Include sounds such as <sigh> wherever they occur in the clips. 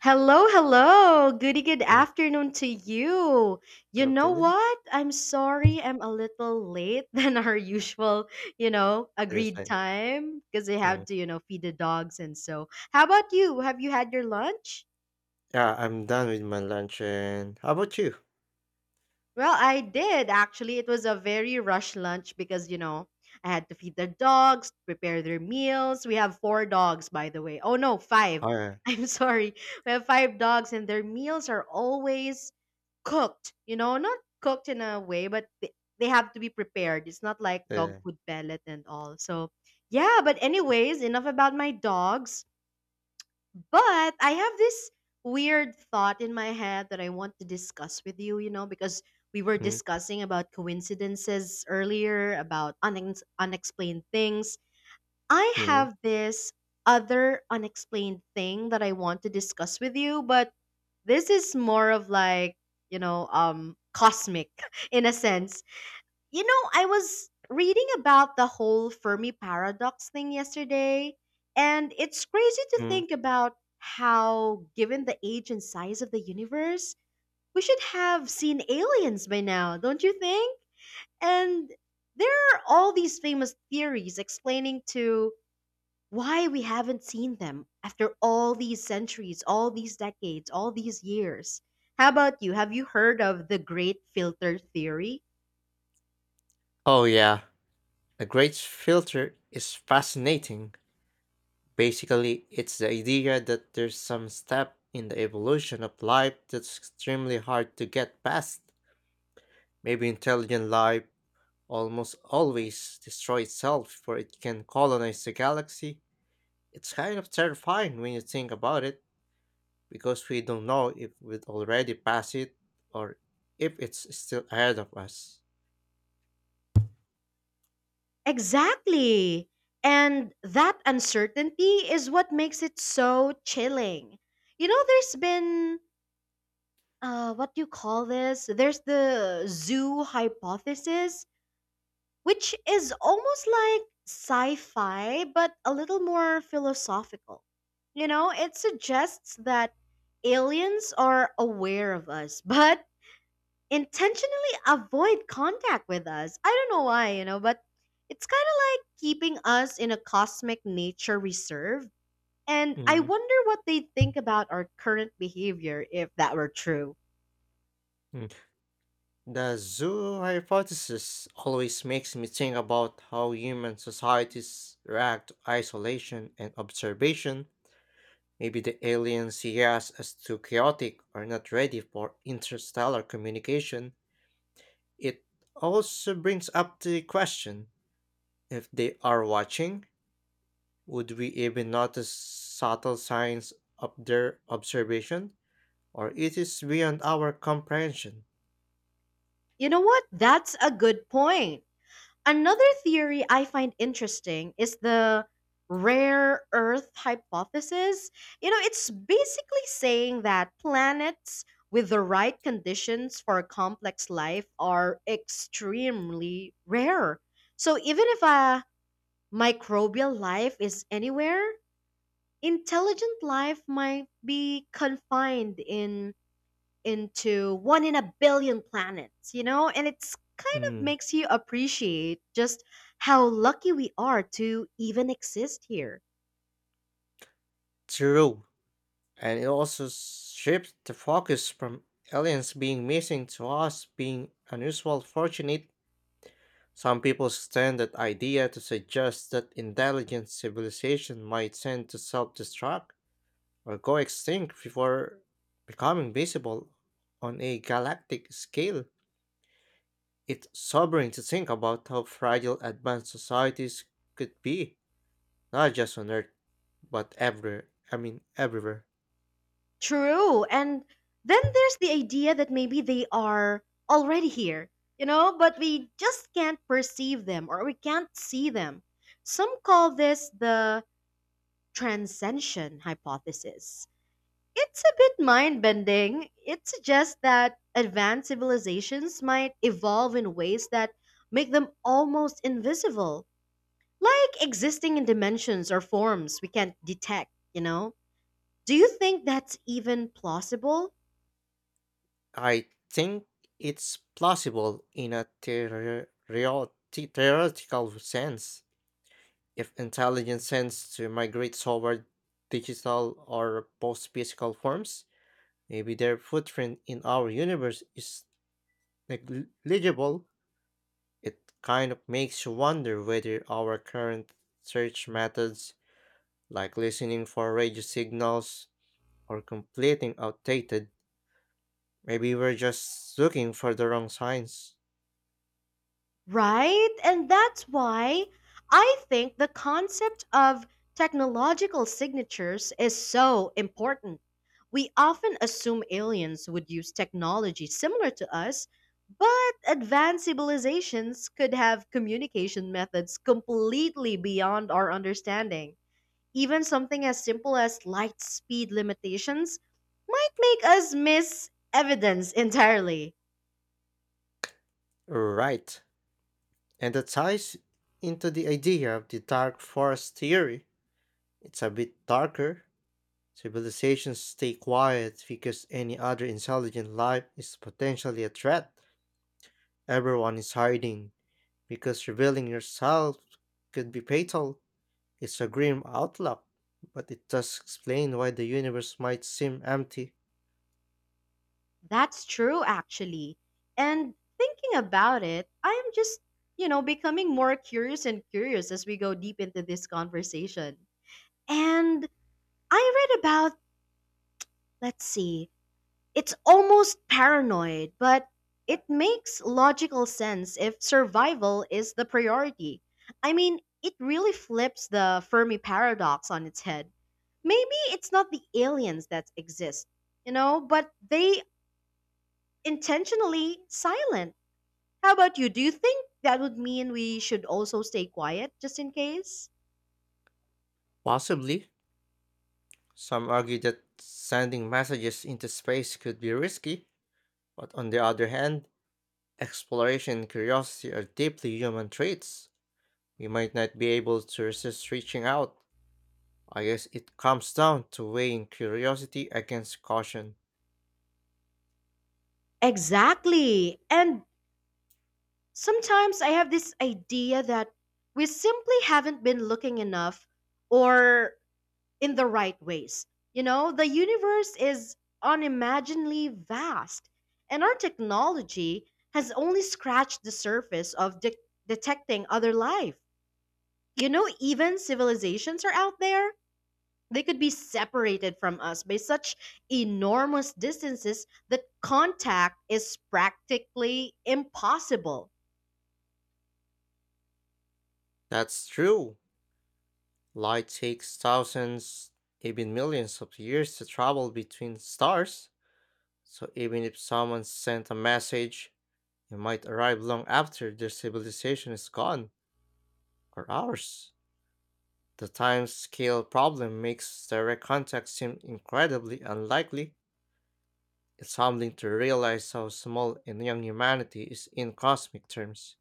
Hello, hello. Good Mm, afternoon to you. You good know afternoon. what? I'm sorry I'm a little late <laughs> than our usual, Yeah, that's agreed fine. time because I Mm. have to, feed the dogs and so. How about you? Have you had your lunch? Yeah, I'm done with my lunch, and how about you? Well, I did actually. It was a very rush lunch because, I had to feed the dogs, prepare their meals. We have four dogs, by the way. Oh, no, five. Alright. <laughs> I'm sorry. We have five dogs, and their meals are always cooked, you know, not cooked in a way, but they have to be prepared. It's not like Yeah, yeah, dog yeah. food pellet and all. So, yeah, but anyways, enough about my dogs. But I have this weird thought in my head that I want to discuss with you, you know, because we were Mm, discussing about coincidences earlier, about unexplained things. I mm, have this other unexplained thing that I want to discuss with you, but this is more of like, you know, cosmic <laughs> in a sense. You know, I was reading about the whole Fermi paradox thing yesterday, and it's crazy to mm. think about how, given the age and size of the universe, we should have seen aliens by now, don't you think? And there are all these famous theories explaining to why we haven't seen them after all these centuries, all these decades, all these years. How about you? Have you heard of the Great Filter Theory? Oh yeah. A great filter is fascinating. Basically, it's the idea that there's some step in the evolution of life that's extremely hard to get past. Maybe intelligent life almost always destroys itself for it can colonize the galaxy. It's kind of terrifying when you think about it, because we don't know if we'd already passed it, or if it's still ahead of us. Exactly. And that uncertainty is what makes it so chilling. You know, there's been, what do you call this? There's the zoo hypothesis, which is almost like sci fi, but a little more philosophical. You know, it suggests that aliens are aware of us, <laughs> but intentionally avoid contact with us. I don't know why, you know, but it's kind of like keeping us in a cosmic nature reserve. And I mm wonder what they think about our current behavior if that were true. mm. The zoo hypothesis always makes me think about how human societies react to isolation and observation. Maybe the aliens see us as too chaotic or not ready for interstellar communication. It also brings up the question, if they are watching, would we even notice subtle signs of their observation, or it is beyond our comprehension? You know what? That's a good point. Another theory I find interesting is the rare earth hypothesis. You know, it's basically saying that planets with the right conditions for complex life are extremely rare. So even if a microbial life is anywhere, intelligent life might be confined in into one in a billion planets, you know? And it's kind of Mm, makes you appreciate just how lucky we are to even exist here. true. And it also shifts the focus from aliens being missing to us being unusual fortunate. Some people stand that idea to suggest that intelligent civilization might tend to self destruct, or go extinct before becoming visible on a galactic scale. It's sobering to think about how fragile advanced societies could be, not just on Earth, but everywhere. I mean, everywhere. True. And then there's the idea that maybe they are already here, you know, but we just can't perceive them or we can't see them. Some call this the transcension hypothesis. It's a bit mind bending. It suggests that advanced civilizations might evolve in ways that make them almost invisible, like existing in dimensions or forms we can't detect, you know? Do you think that's even plausible? I think it's plausible in a theoretical sense, if intelligence tends to migrate toward digital or post physical forms. Maybe their footprint in our universe is negligible. It kind of makes you wonder whether our current search methods, like listening for radio signals or completing outdated, maybe we're just looking for the wrong signs. Right? And that's why I think the concept of technological signatures is so important. We often assume aliens would use technology similar to us, but advanced civilizations could have communication methods completely beyond our understanding. Even something as simple as light speed limitations might make us miss evidence entirely. Right. And that ties into the idea of the dark forest theory. It's a bit darker. Civilizations stay quiet because any other intelligent life is potentially a threat. Everyone is hiding, because revealing yourself could be fatal. It's a grim outlook, but it does explain why the universe might seem empty. That's true, actually. And thinking about it, I am just, becoming more curious and curious as we go deep into this conversation. And I read about, let's see, it's almost paranoid, but it makes logical sense if survival is the priority. I mean, it really flips the Fermi paradox on its head. Maybe it's not the aliens that exist, you know, but they intentionally silent. How about you? Do you think that would mean we should also stay quiet just in case? Possibly, some argue that sending messages into space could be risky, but on the other hand, exploration and curiosity are deeply human traits. We might not be able to resist reaching out. I guess it comes down to weighing curiosity against caution. Exactly. And sometimes I have this idea that we simply haven't been looking enough or in the right ways. You know, the universe is unimaginably vast, and our technology has only scratched the surface of detecting other life. You know, even civilizations are out there. They could be separated from us by such enormous distances that contact is practically impossible. That's true. Light takes thousands, even millions of years to travel between stars, so even if someone sent a message, it might arrive long after their civilization is gone, or ours. The time scale problem makes direct contact seem incredibly unlikely. It's humbling to realize how small and young humanity is in cosmic terms.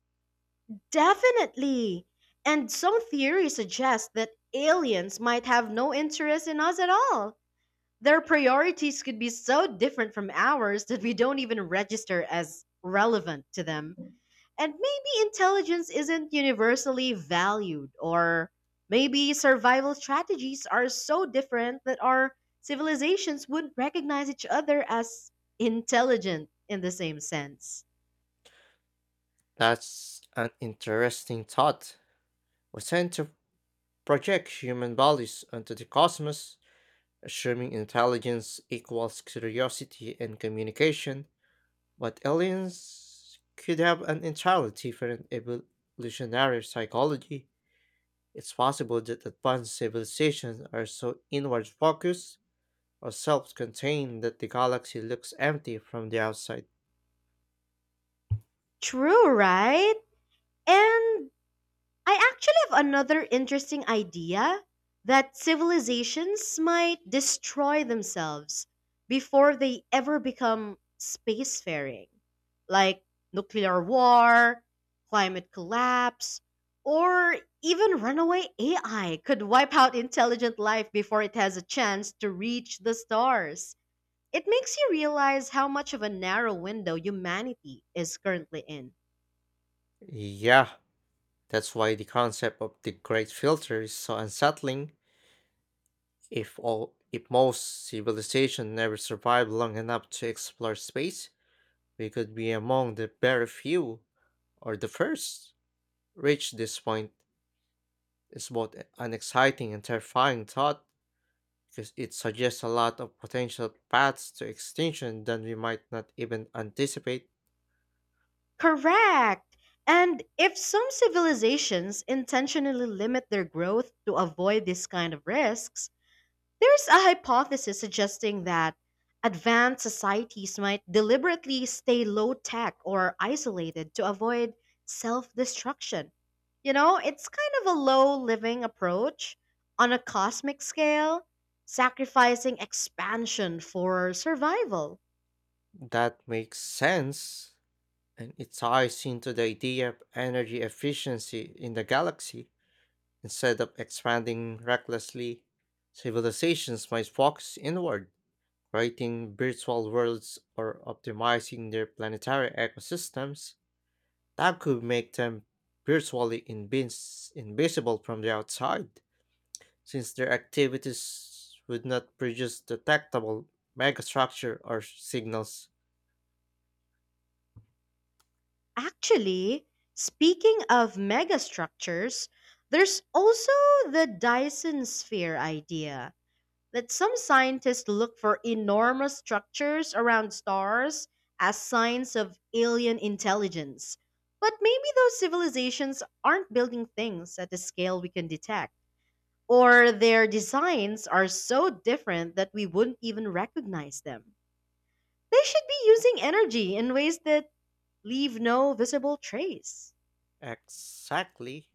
Definitely. And some theories suggest that aliens might have no interest in us at all. Their priorities could be so different from ours that we don't even register as relevant to them. And maybe intelligence isn't universally valued, or maybe survival strategies are so different that our civilizations wouldn't recognize each other as intelligent in the same sense. That's an interesting thought. We tend to project human bodies onto the cosmos, assuming intelligence equals curiosity and communication, but aliens could have an entirely different evolutionary psychology. It's possible that advanced civilizations are so inward focused or self contained that the galaxy looks empty from the outside. True, right? And I actually have another interesting idea that civilizations might destroy themselves before they ever become spacefaring, like nuclear war, climate collapse, or even runaway AI could wipe out intelligent life before it has a chance to reach the stars. It makes you realize how much of a narrow window humanity is currently in. Yeah, that's why the concept of the Great Filter is so unsettling. If most civilizations never survive long enough to explore space, we could be among the very few, or the first. Reach this point is both an exciting and terrifying thought, because it suggests a lot of potential paths to extinction that we might not even anticipate. Correct! And if some civilizations intentionally limit their growth to avoid these kind of risks, there's a hypothesis suggesting that advanced societies might deliberately stay low tech or isolated to avoid self destruction. You know, it's kind of a low living approach on a cosmic scale, sacrificing expansion for survival. That makes sense, and it ties into the idea of energy efficiency in the galaxy. Instead of expanding recklessly, civilizations might focus inward, creating virtual worlds or optimizing their planetary ecosystems. That could make them virtually invisible from the outside, since their activities would not produce detectable megastructure or signals. Actually, speaking of megastructures, there's also the Dyson sphere idea that some scientists look for enormous structures around stars as signs of alien intelligence. But maybe those civilizations aren't building things at the scale we can detect, or their designs are so different that we wouldn't even recognize them. They should be using energy in ways that leave no visible trace. Exactly.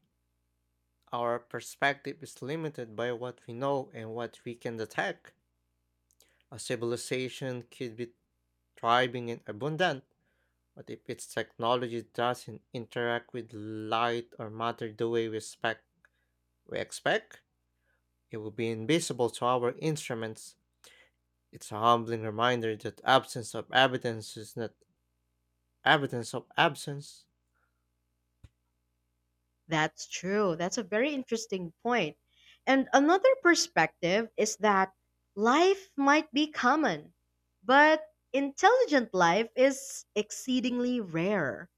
Our perspective is limited by what we know and what we can detect. A civilization could be thriving and abundant, but if its technology doesn't interact with light or matter the way we expect, it will be invisible to our instruments. It's a humbling reminder that absence of evidence is not evidence of absence. That's true. That's a very interesting point. And another perspective is that life might be common, but intelligent life is exceedingly rare.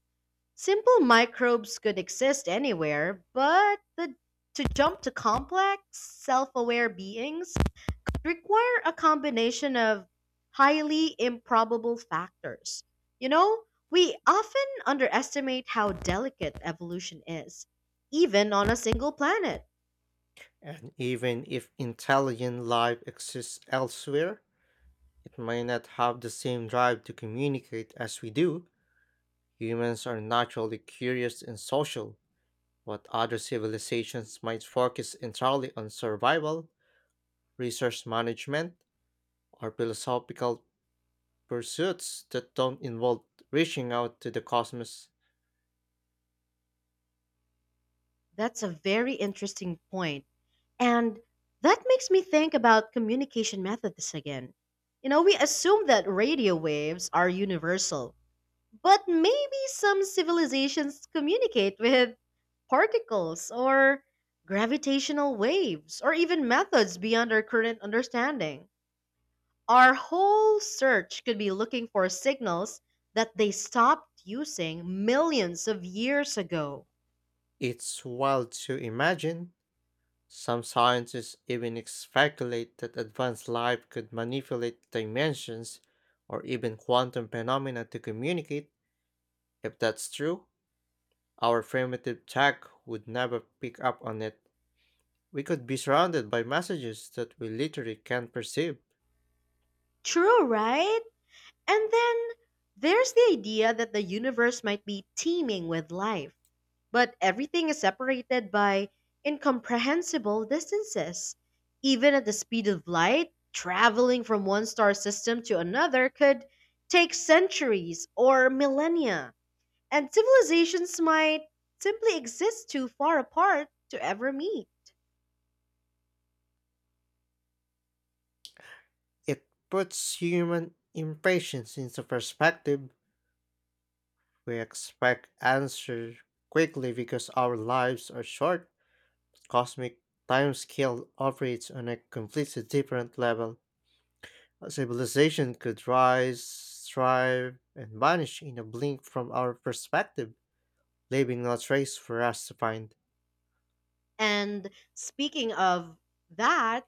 Simple microbes could exist anywhere, to jump to complex, self aware beings require a combination of highly improbable factors. You know, we often underestimate how delicate evolution is, even on a single planet. And even if intelligent life exists elsewhere, it may not have the same drive to communicate as we do. Humans are naturally curious and social, but other civilizations might focus entirely on survival, resource management, or philosophical pursuits that don't involve reaching out to the cosmos. That's a very interesting point. And that makes me think about communication methods again. You know, we assume that radio waves are universal, but maybe some civilizations communicate with particles or gravitational waves or even methods beyond our current understanding. Our whole search could be looking for signals that they stopped using millions of years ago. It's wild to imagine. Some scientists even speculate that advanced life could manipulate dimensions or even quantum phenomena to communicate. If that's true, our primitive tech would never pick up on it. We could be surrounded by messages that we literally can't perceive. True, right? And then there's the idea that the universe might be teeming with life, but everything is separated by incomprehensible distances. Even at the speed of light, traveling from one star system to another could take centuries or millennia, and civilizations might simply exist too far apart to ever meet. It puts human impatience into perspective. We expect answers quickly because our lives are short. Cosmic timescale operates on a completely different level. A civilization could rise, thrive, and vanish in a blink from our perspective, leaving no trace for us to find. And speaking of that,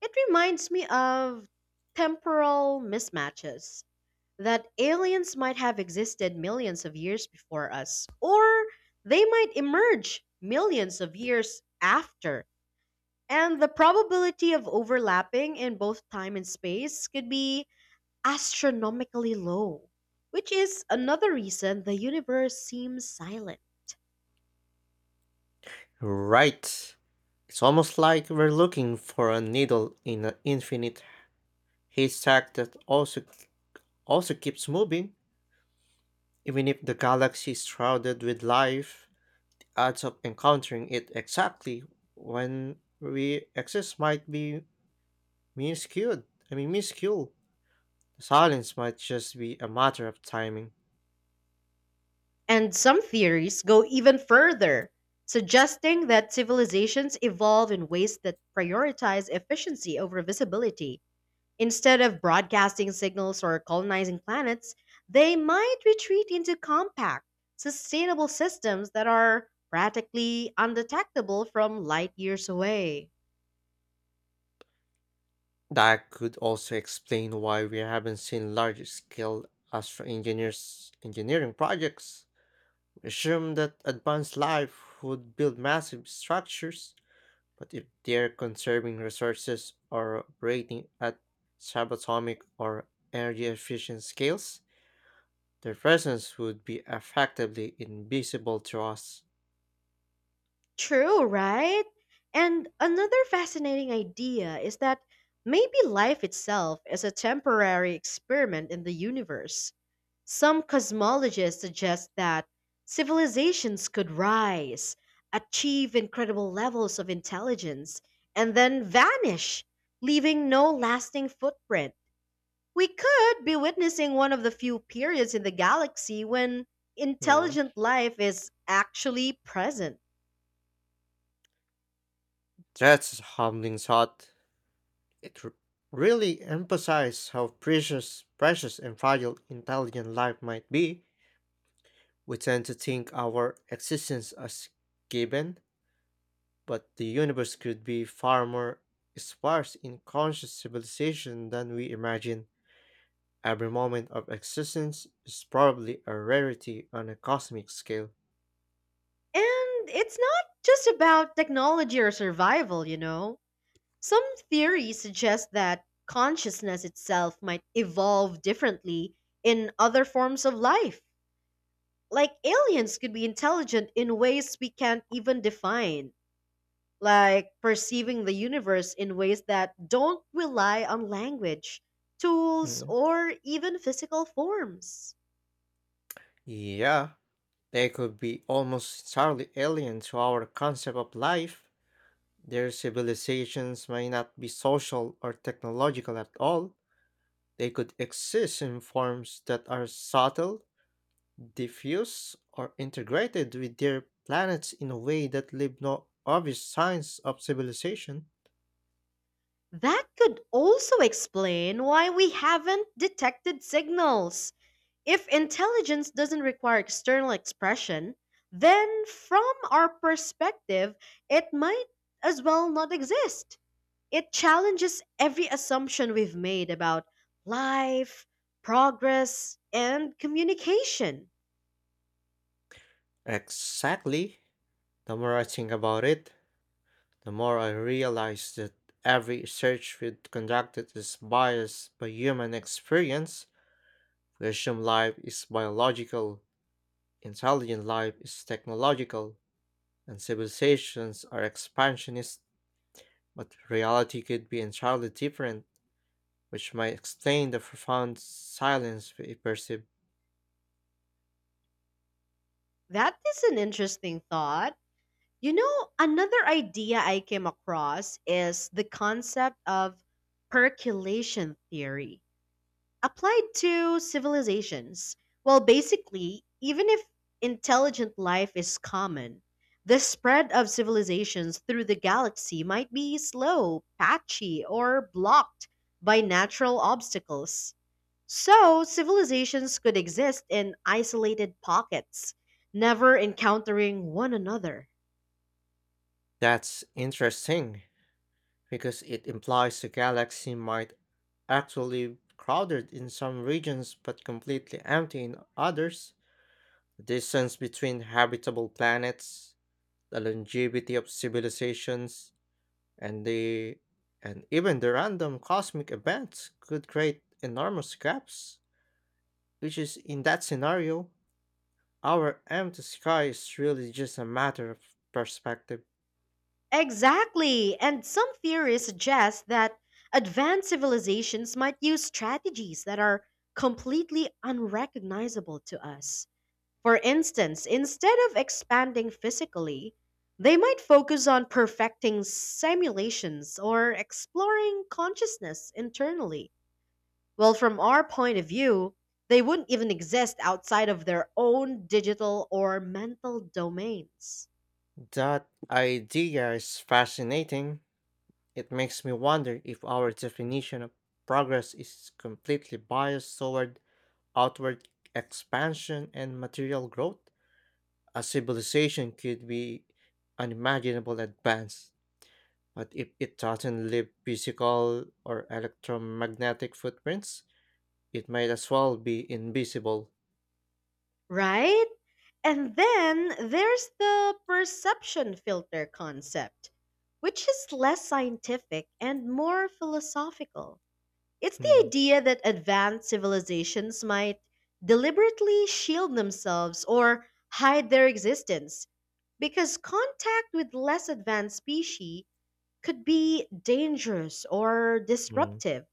it reminds me of temporal mismatches. That aliens might have existed millions of years before us, or they might emerge millions of years after. And the probability of overlapping in both time and space could be astronomically low, which is another reason the universe seems silent. Right. It's almost like we're looking for a needle in an infinite haystack that also keeps moving. Even if the galaxy is shrouded with life, odds of encountering it exactly when we exist might be minuscule. I mean, minuscule. The silence might just be a matter of timing. And some theories go even further, suggesting that civilizations evolve in ways that prioritize efficiency over visibility. Instead of broadcasting signals or colonizing planets, they might retreat into compact, sustainable systems that are practically undetectable from light years away. That could also explain why we haven't seen large scale astro engineers engineering projects. We assume that advanced life would build massive structures, but if they're conserving resources or operating at subatomic or energy efficient scales, their presence would be effectively invisible to us. True, right? And another fascinating idea is that maybe life itself is a temporary experiment in the universe. Some cosmologists suggest that civilizations could rise, achieve incredible levels of intelligence, and then vanish, leaving no lasting footprint. We could be witnessing one of the few periods in the galaxy when Hmm. intelligent life is actually present. That's a humbling thought. It r- really emphasizes how precious and fragile intelligent life might be. We tend to think our existence as given, but the universe could be far more sparse in conscious civilization than we imagine. Every moment of existence is probably a rarity on a cosmic scale. And it's not just about technology or survival, you know. Some theories suggest that consciousness itself might evolve differently in other forms of life. Like aliens could be intelligent in ways we can't even define, like perceiving the universe in ways that don't rely on language, tools, Mm. or even physical forms. Yeah. They could be almost entirely alien to our concept of life. Their civilizations may not be social or technological at all. They could exist in forms that are subtle, diffuse, or integrated with their planets in a way that leave no obvious signs of civilization. That could also explain why we haven't detected signals. If intelligence doesn't require external expression, then from our perspective, it might as well not exist. It challenges every assumption we've made about life, progress, and communication. Exactly. The more I think about it, the more I realize that every research we have conducted is biased by human experience. Museum life is biological, intelligent life is technological, and civilizations are expansionist, but reality could be entirely different, which might explain the profound silence we perceive. That is an interesting thought. You know, another idea I came across is the concept of percolation theory applied to civilizations. Well, basically, even if intelligent life is common, the spread of civilizations through the galaxy might be slow, patchy, or blocked by natural obstacles. So, civilizations could exist in isolated pockets, never encountering one another. That's interesting, because it implies the galaxy might actually crowded in some regions but completely empty in others. The distance between habitable planets, the longevity of civilizations, and the and even the random cosmic events could create enormous gaps, which is in that scenario our empty sky is really just a matter of perspective. Exactly. And some theories suggest that advanced civilizations might use strategies that are completely unrecognizable to us. For instance, instead of expanding physically, they might focus on perfecting simulations or exploring consciousness internally. Well, from our point of view, they wouldn't even exist outside of their own digital or mental domains. That idea is fascinating. It makes me wonder if our definition of progress is completely biased toward outward expansion and material growth. A civilization could be unimaginable advance, but if it doesn't leave physical or electromagnetic footprints, it might as well be invisible. Right? And then there's the perception filter concept, which is less scientific and more philosophical. It's the Mm, idea that advanced civilizations might deliberately shield themselves or hide their existence because contact with less advanced species could be dangerous or mm. disruptive.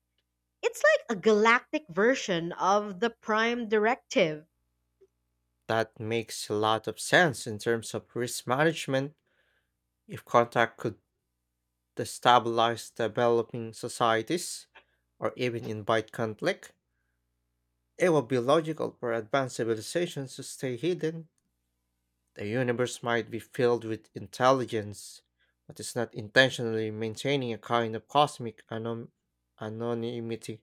It's like a galactic version of the prime directive. That makes a lot of sense in terms of risk management. If contact could to stabilize developing societies or even invite conflict, it would be logical for advanced civilizations to stay hidden. The universe might be filled with intelligence, but is not intentionally maintaining a kind of cosmic anonymity.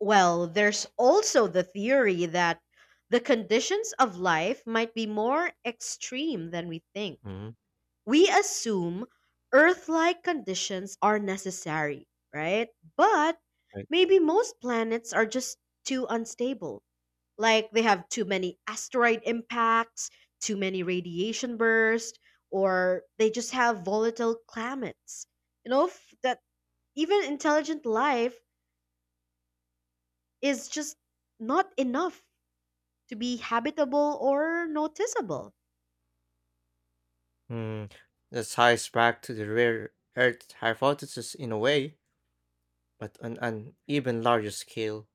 Well, there's also the theory that the conditions of life might be more extreme than we think. Mhm. We assume Earth like conditions are necessary, right? But Right. maybe most planets are just too unstable. Like they have too many asteroid impacts, too many radiation bursts, or they just have volatile climates. You know, that even intelligent life is just not enough to be habitable or noticeable. Mm, That ties back to the rare Earth hypothesis in a way, but on an even larger scale.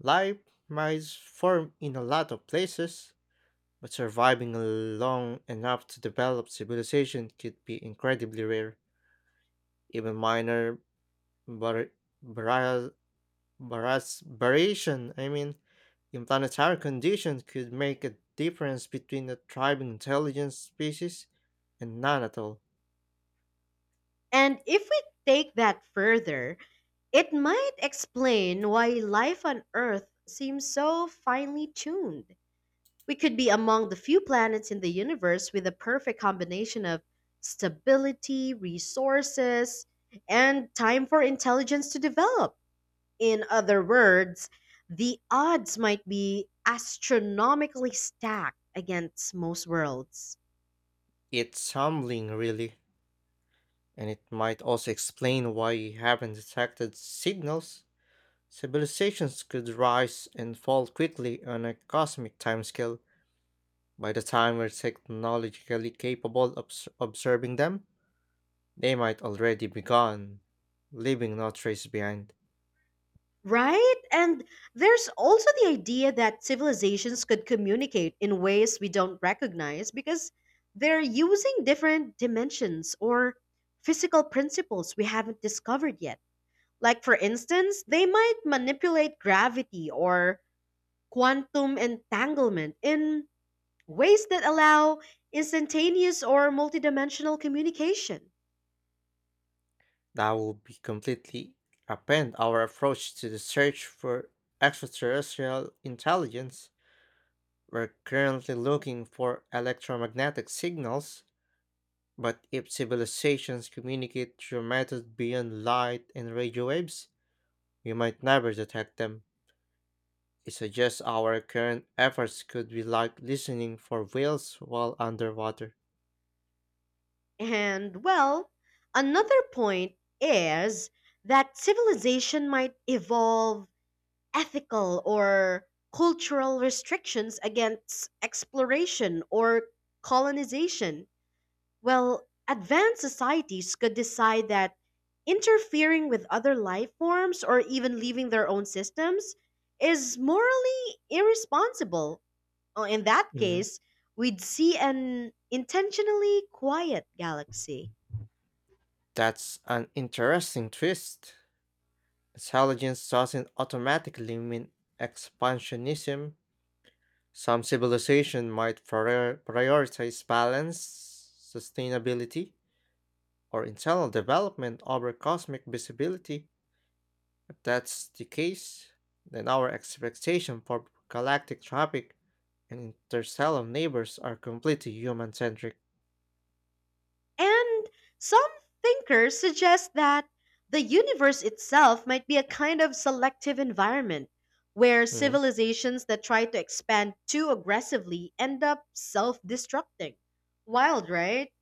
Life might form in a lot of places, but surviving long enough to develop civilization could be incredibly rare. Even minor vari- vari- variation, I mean, in planetary conditions could make a difference between a thriving intelligent species and none at all. And if we take that further, it might explain why life on Earth seems so finely tuned. We could be among the few planets in the universe with a perfect combination of stability, resources, and time for intelligence to develop. In other words, the odds might be astronomically stacked against most worlds. It's humbling, really, and it might also explain why we haven't detected signals. Civilizations could rise and fall quickly on a cosmic timescale. By the time we're technologically capable of observing them, they might already be gone, leaving no trace behind. Right? And there's also the idea that civilizations could communicate in ways we don't recognize because they're using different dimensions or physical principles we haven't discovered yet. Like, for instance, they might manipulate gravity or quantum entanglement in ways that allow instantaneous or multidimensional communication. That would be completely upend our approach to the search for extraterrestrial intelligence. We're currently looking for electromagnetic signals, but if civilizations communicate through methods beyond light and radio waves, we might never detect them. It suggests our current efforts could be like listening for whales while underwater. And well, another point is that civilization might evolve ethical or cultural restrictions against exploration or colonization. Well, advanced societies could decide that interfering with other life forms or even leaving their own systems is morally irresponsible. Oh, in that Mhm. case, we'd see an intentionally quiet galaxy. That's an interesting twist. Intelligence doesn't automatically mean expansionism. Some civilization might prioritize balance, sustainability, or internal development over cosmic visibility. If that's the case, then our expectation for galactic traffic and interstellar neighbors are completely human-centric. And some thinkers suggest that the universe itself might be a kind of selective environment where Mm-hmm. civilizations that try to expand too aggressively end up self destructing. Wild, right?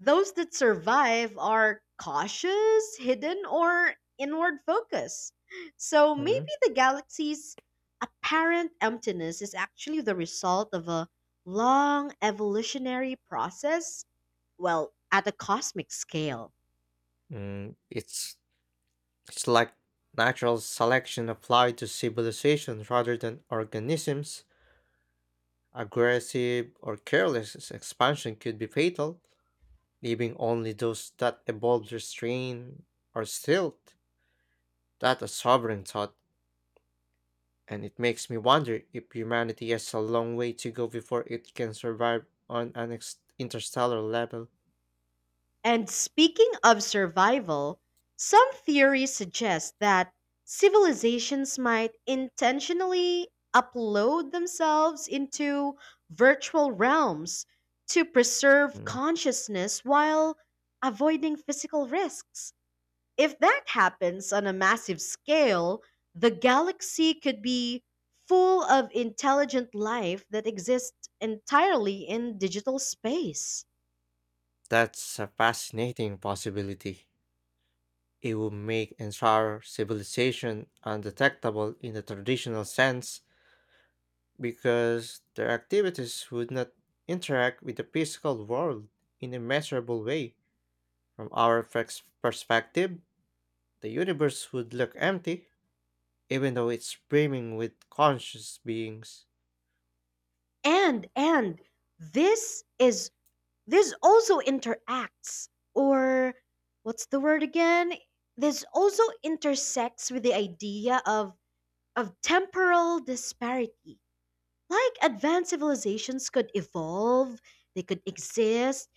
Those that survive are cautious, hidden, or inward focused. So maybe Mm, the galaxy's apparent emptiness is actually the result of a long evolutionary process, well, at a cosmic scale. mm. it's it's like natural selection applied to civilization rather than organisms. Aggressive or careless expansion could be fatal, leaving only those that evolved restraint or stealth. That a sovereign thought, and it makes me wonder if humanity has a long way to go before it can survive on an interstellar level. And speaking of survival, some theories suggest that civilizations might intentionally upload themselves into virtual realms to preserve Mm. consciousness while avoiding physical risks. If that happens on a massive scale, the galaxy could be full of intelligent life that exists entirely in digital space. That's a fascinating possibility. It would make entire civilization undetectable in the traditional sense because their activities would not interact with the physical world in a measurable way. From our perspective, the universe would look empty, even though it's brimming with conscious beings. And this is this also interacts or what's the word again this also intersects with the idea of temporal disparity. Like advanced civilizations could evolve they could exist,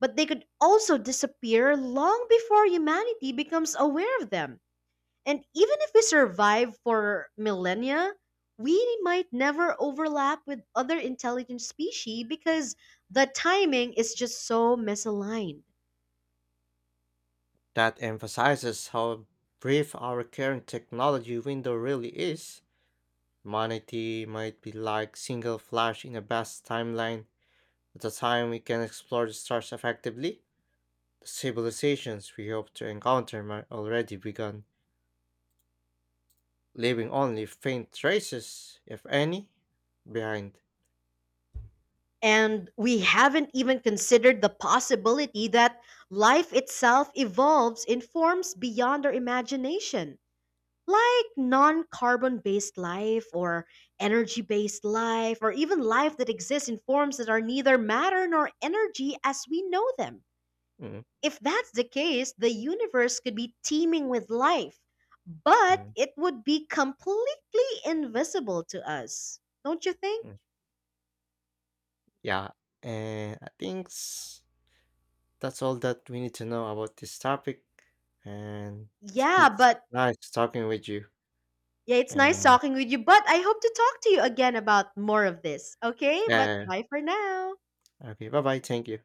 but they could also disappear long before humanity becomes aware of them. And even if we survive for millennia, we might never overlap with other intelligent species because the timing is just so misaligned. That emphasizes how brief our current technology window really is. Humanity might be like single flash in a vast timeline. At the time we can explore the stars effectively, the civilizations we hope to encounter might already begun, leaving only faint traces, if any, behind. And we haven't even considered the possibility that life itself evolves in forms beyond our imagination, like non carbon based life or energy based life, or even life that exists in forms that are neither matter nor energy as we know them. Mm, If that's the case, the universe could be teeming with life, but mm, it would be completely invisible to us. Don't you think? mm. Yeah, and that's all that we need to know about this topic, and it's Yeah, good but nice talking with you, yeah, it's nice and yeah. talking with you, but I hope to talk to you again about more of this. Okay, but Yeah, bye for now. yeah. Okay, bye-bye, thank you.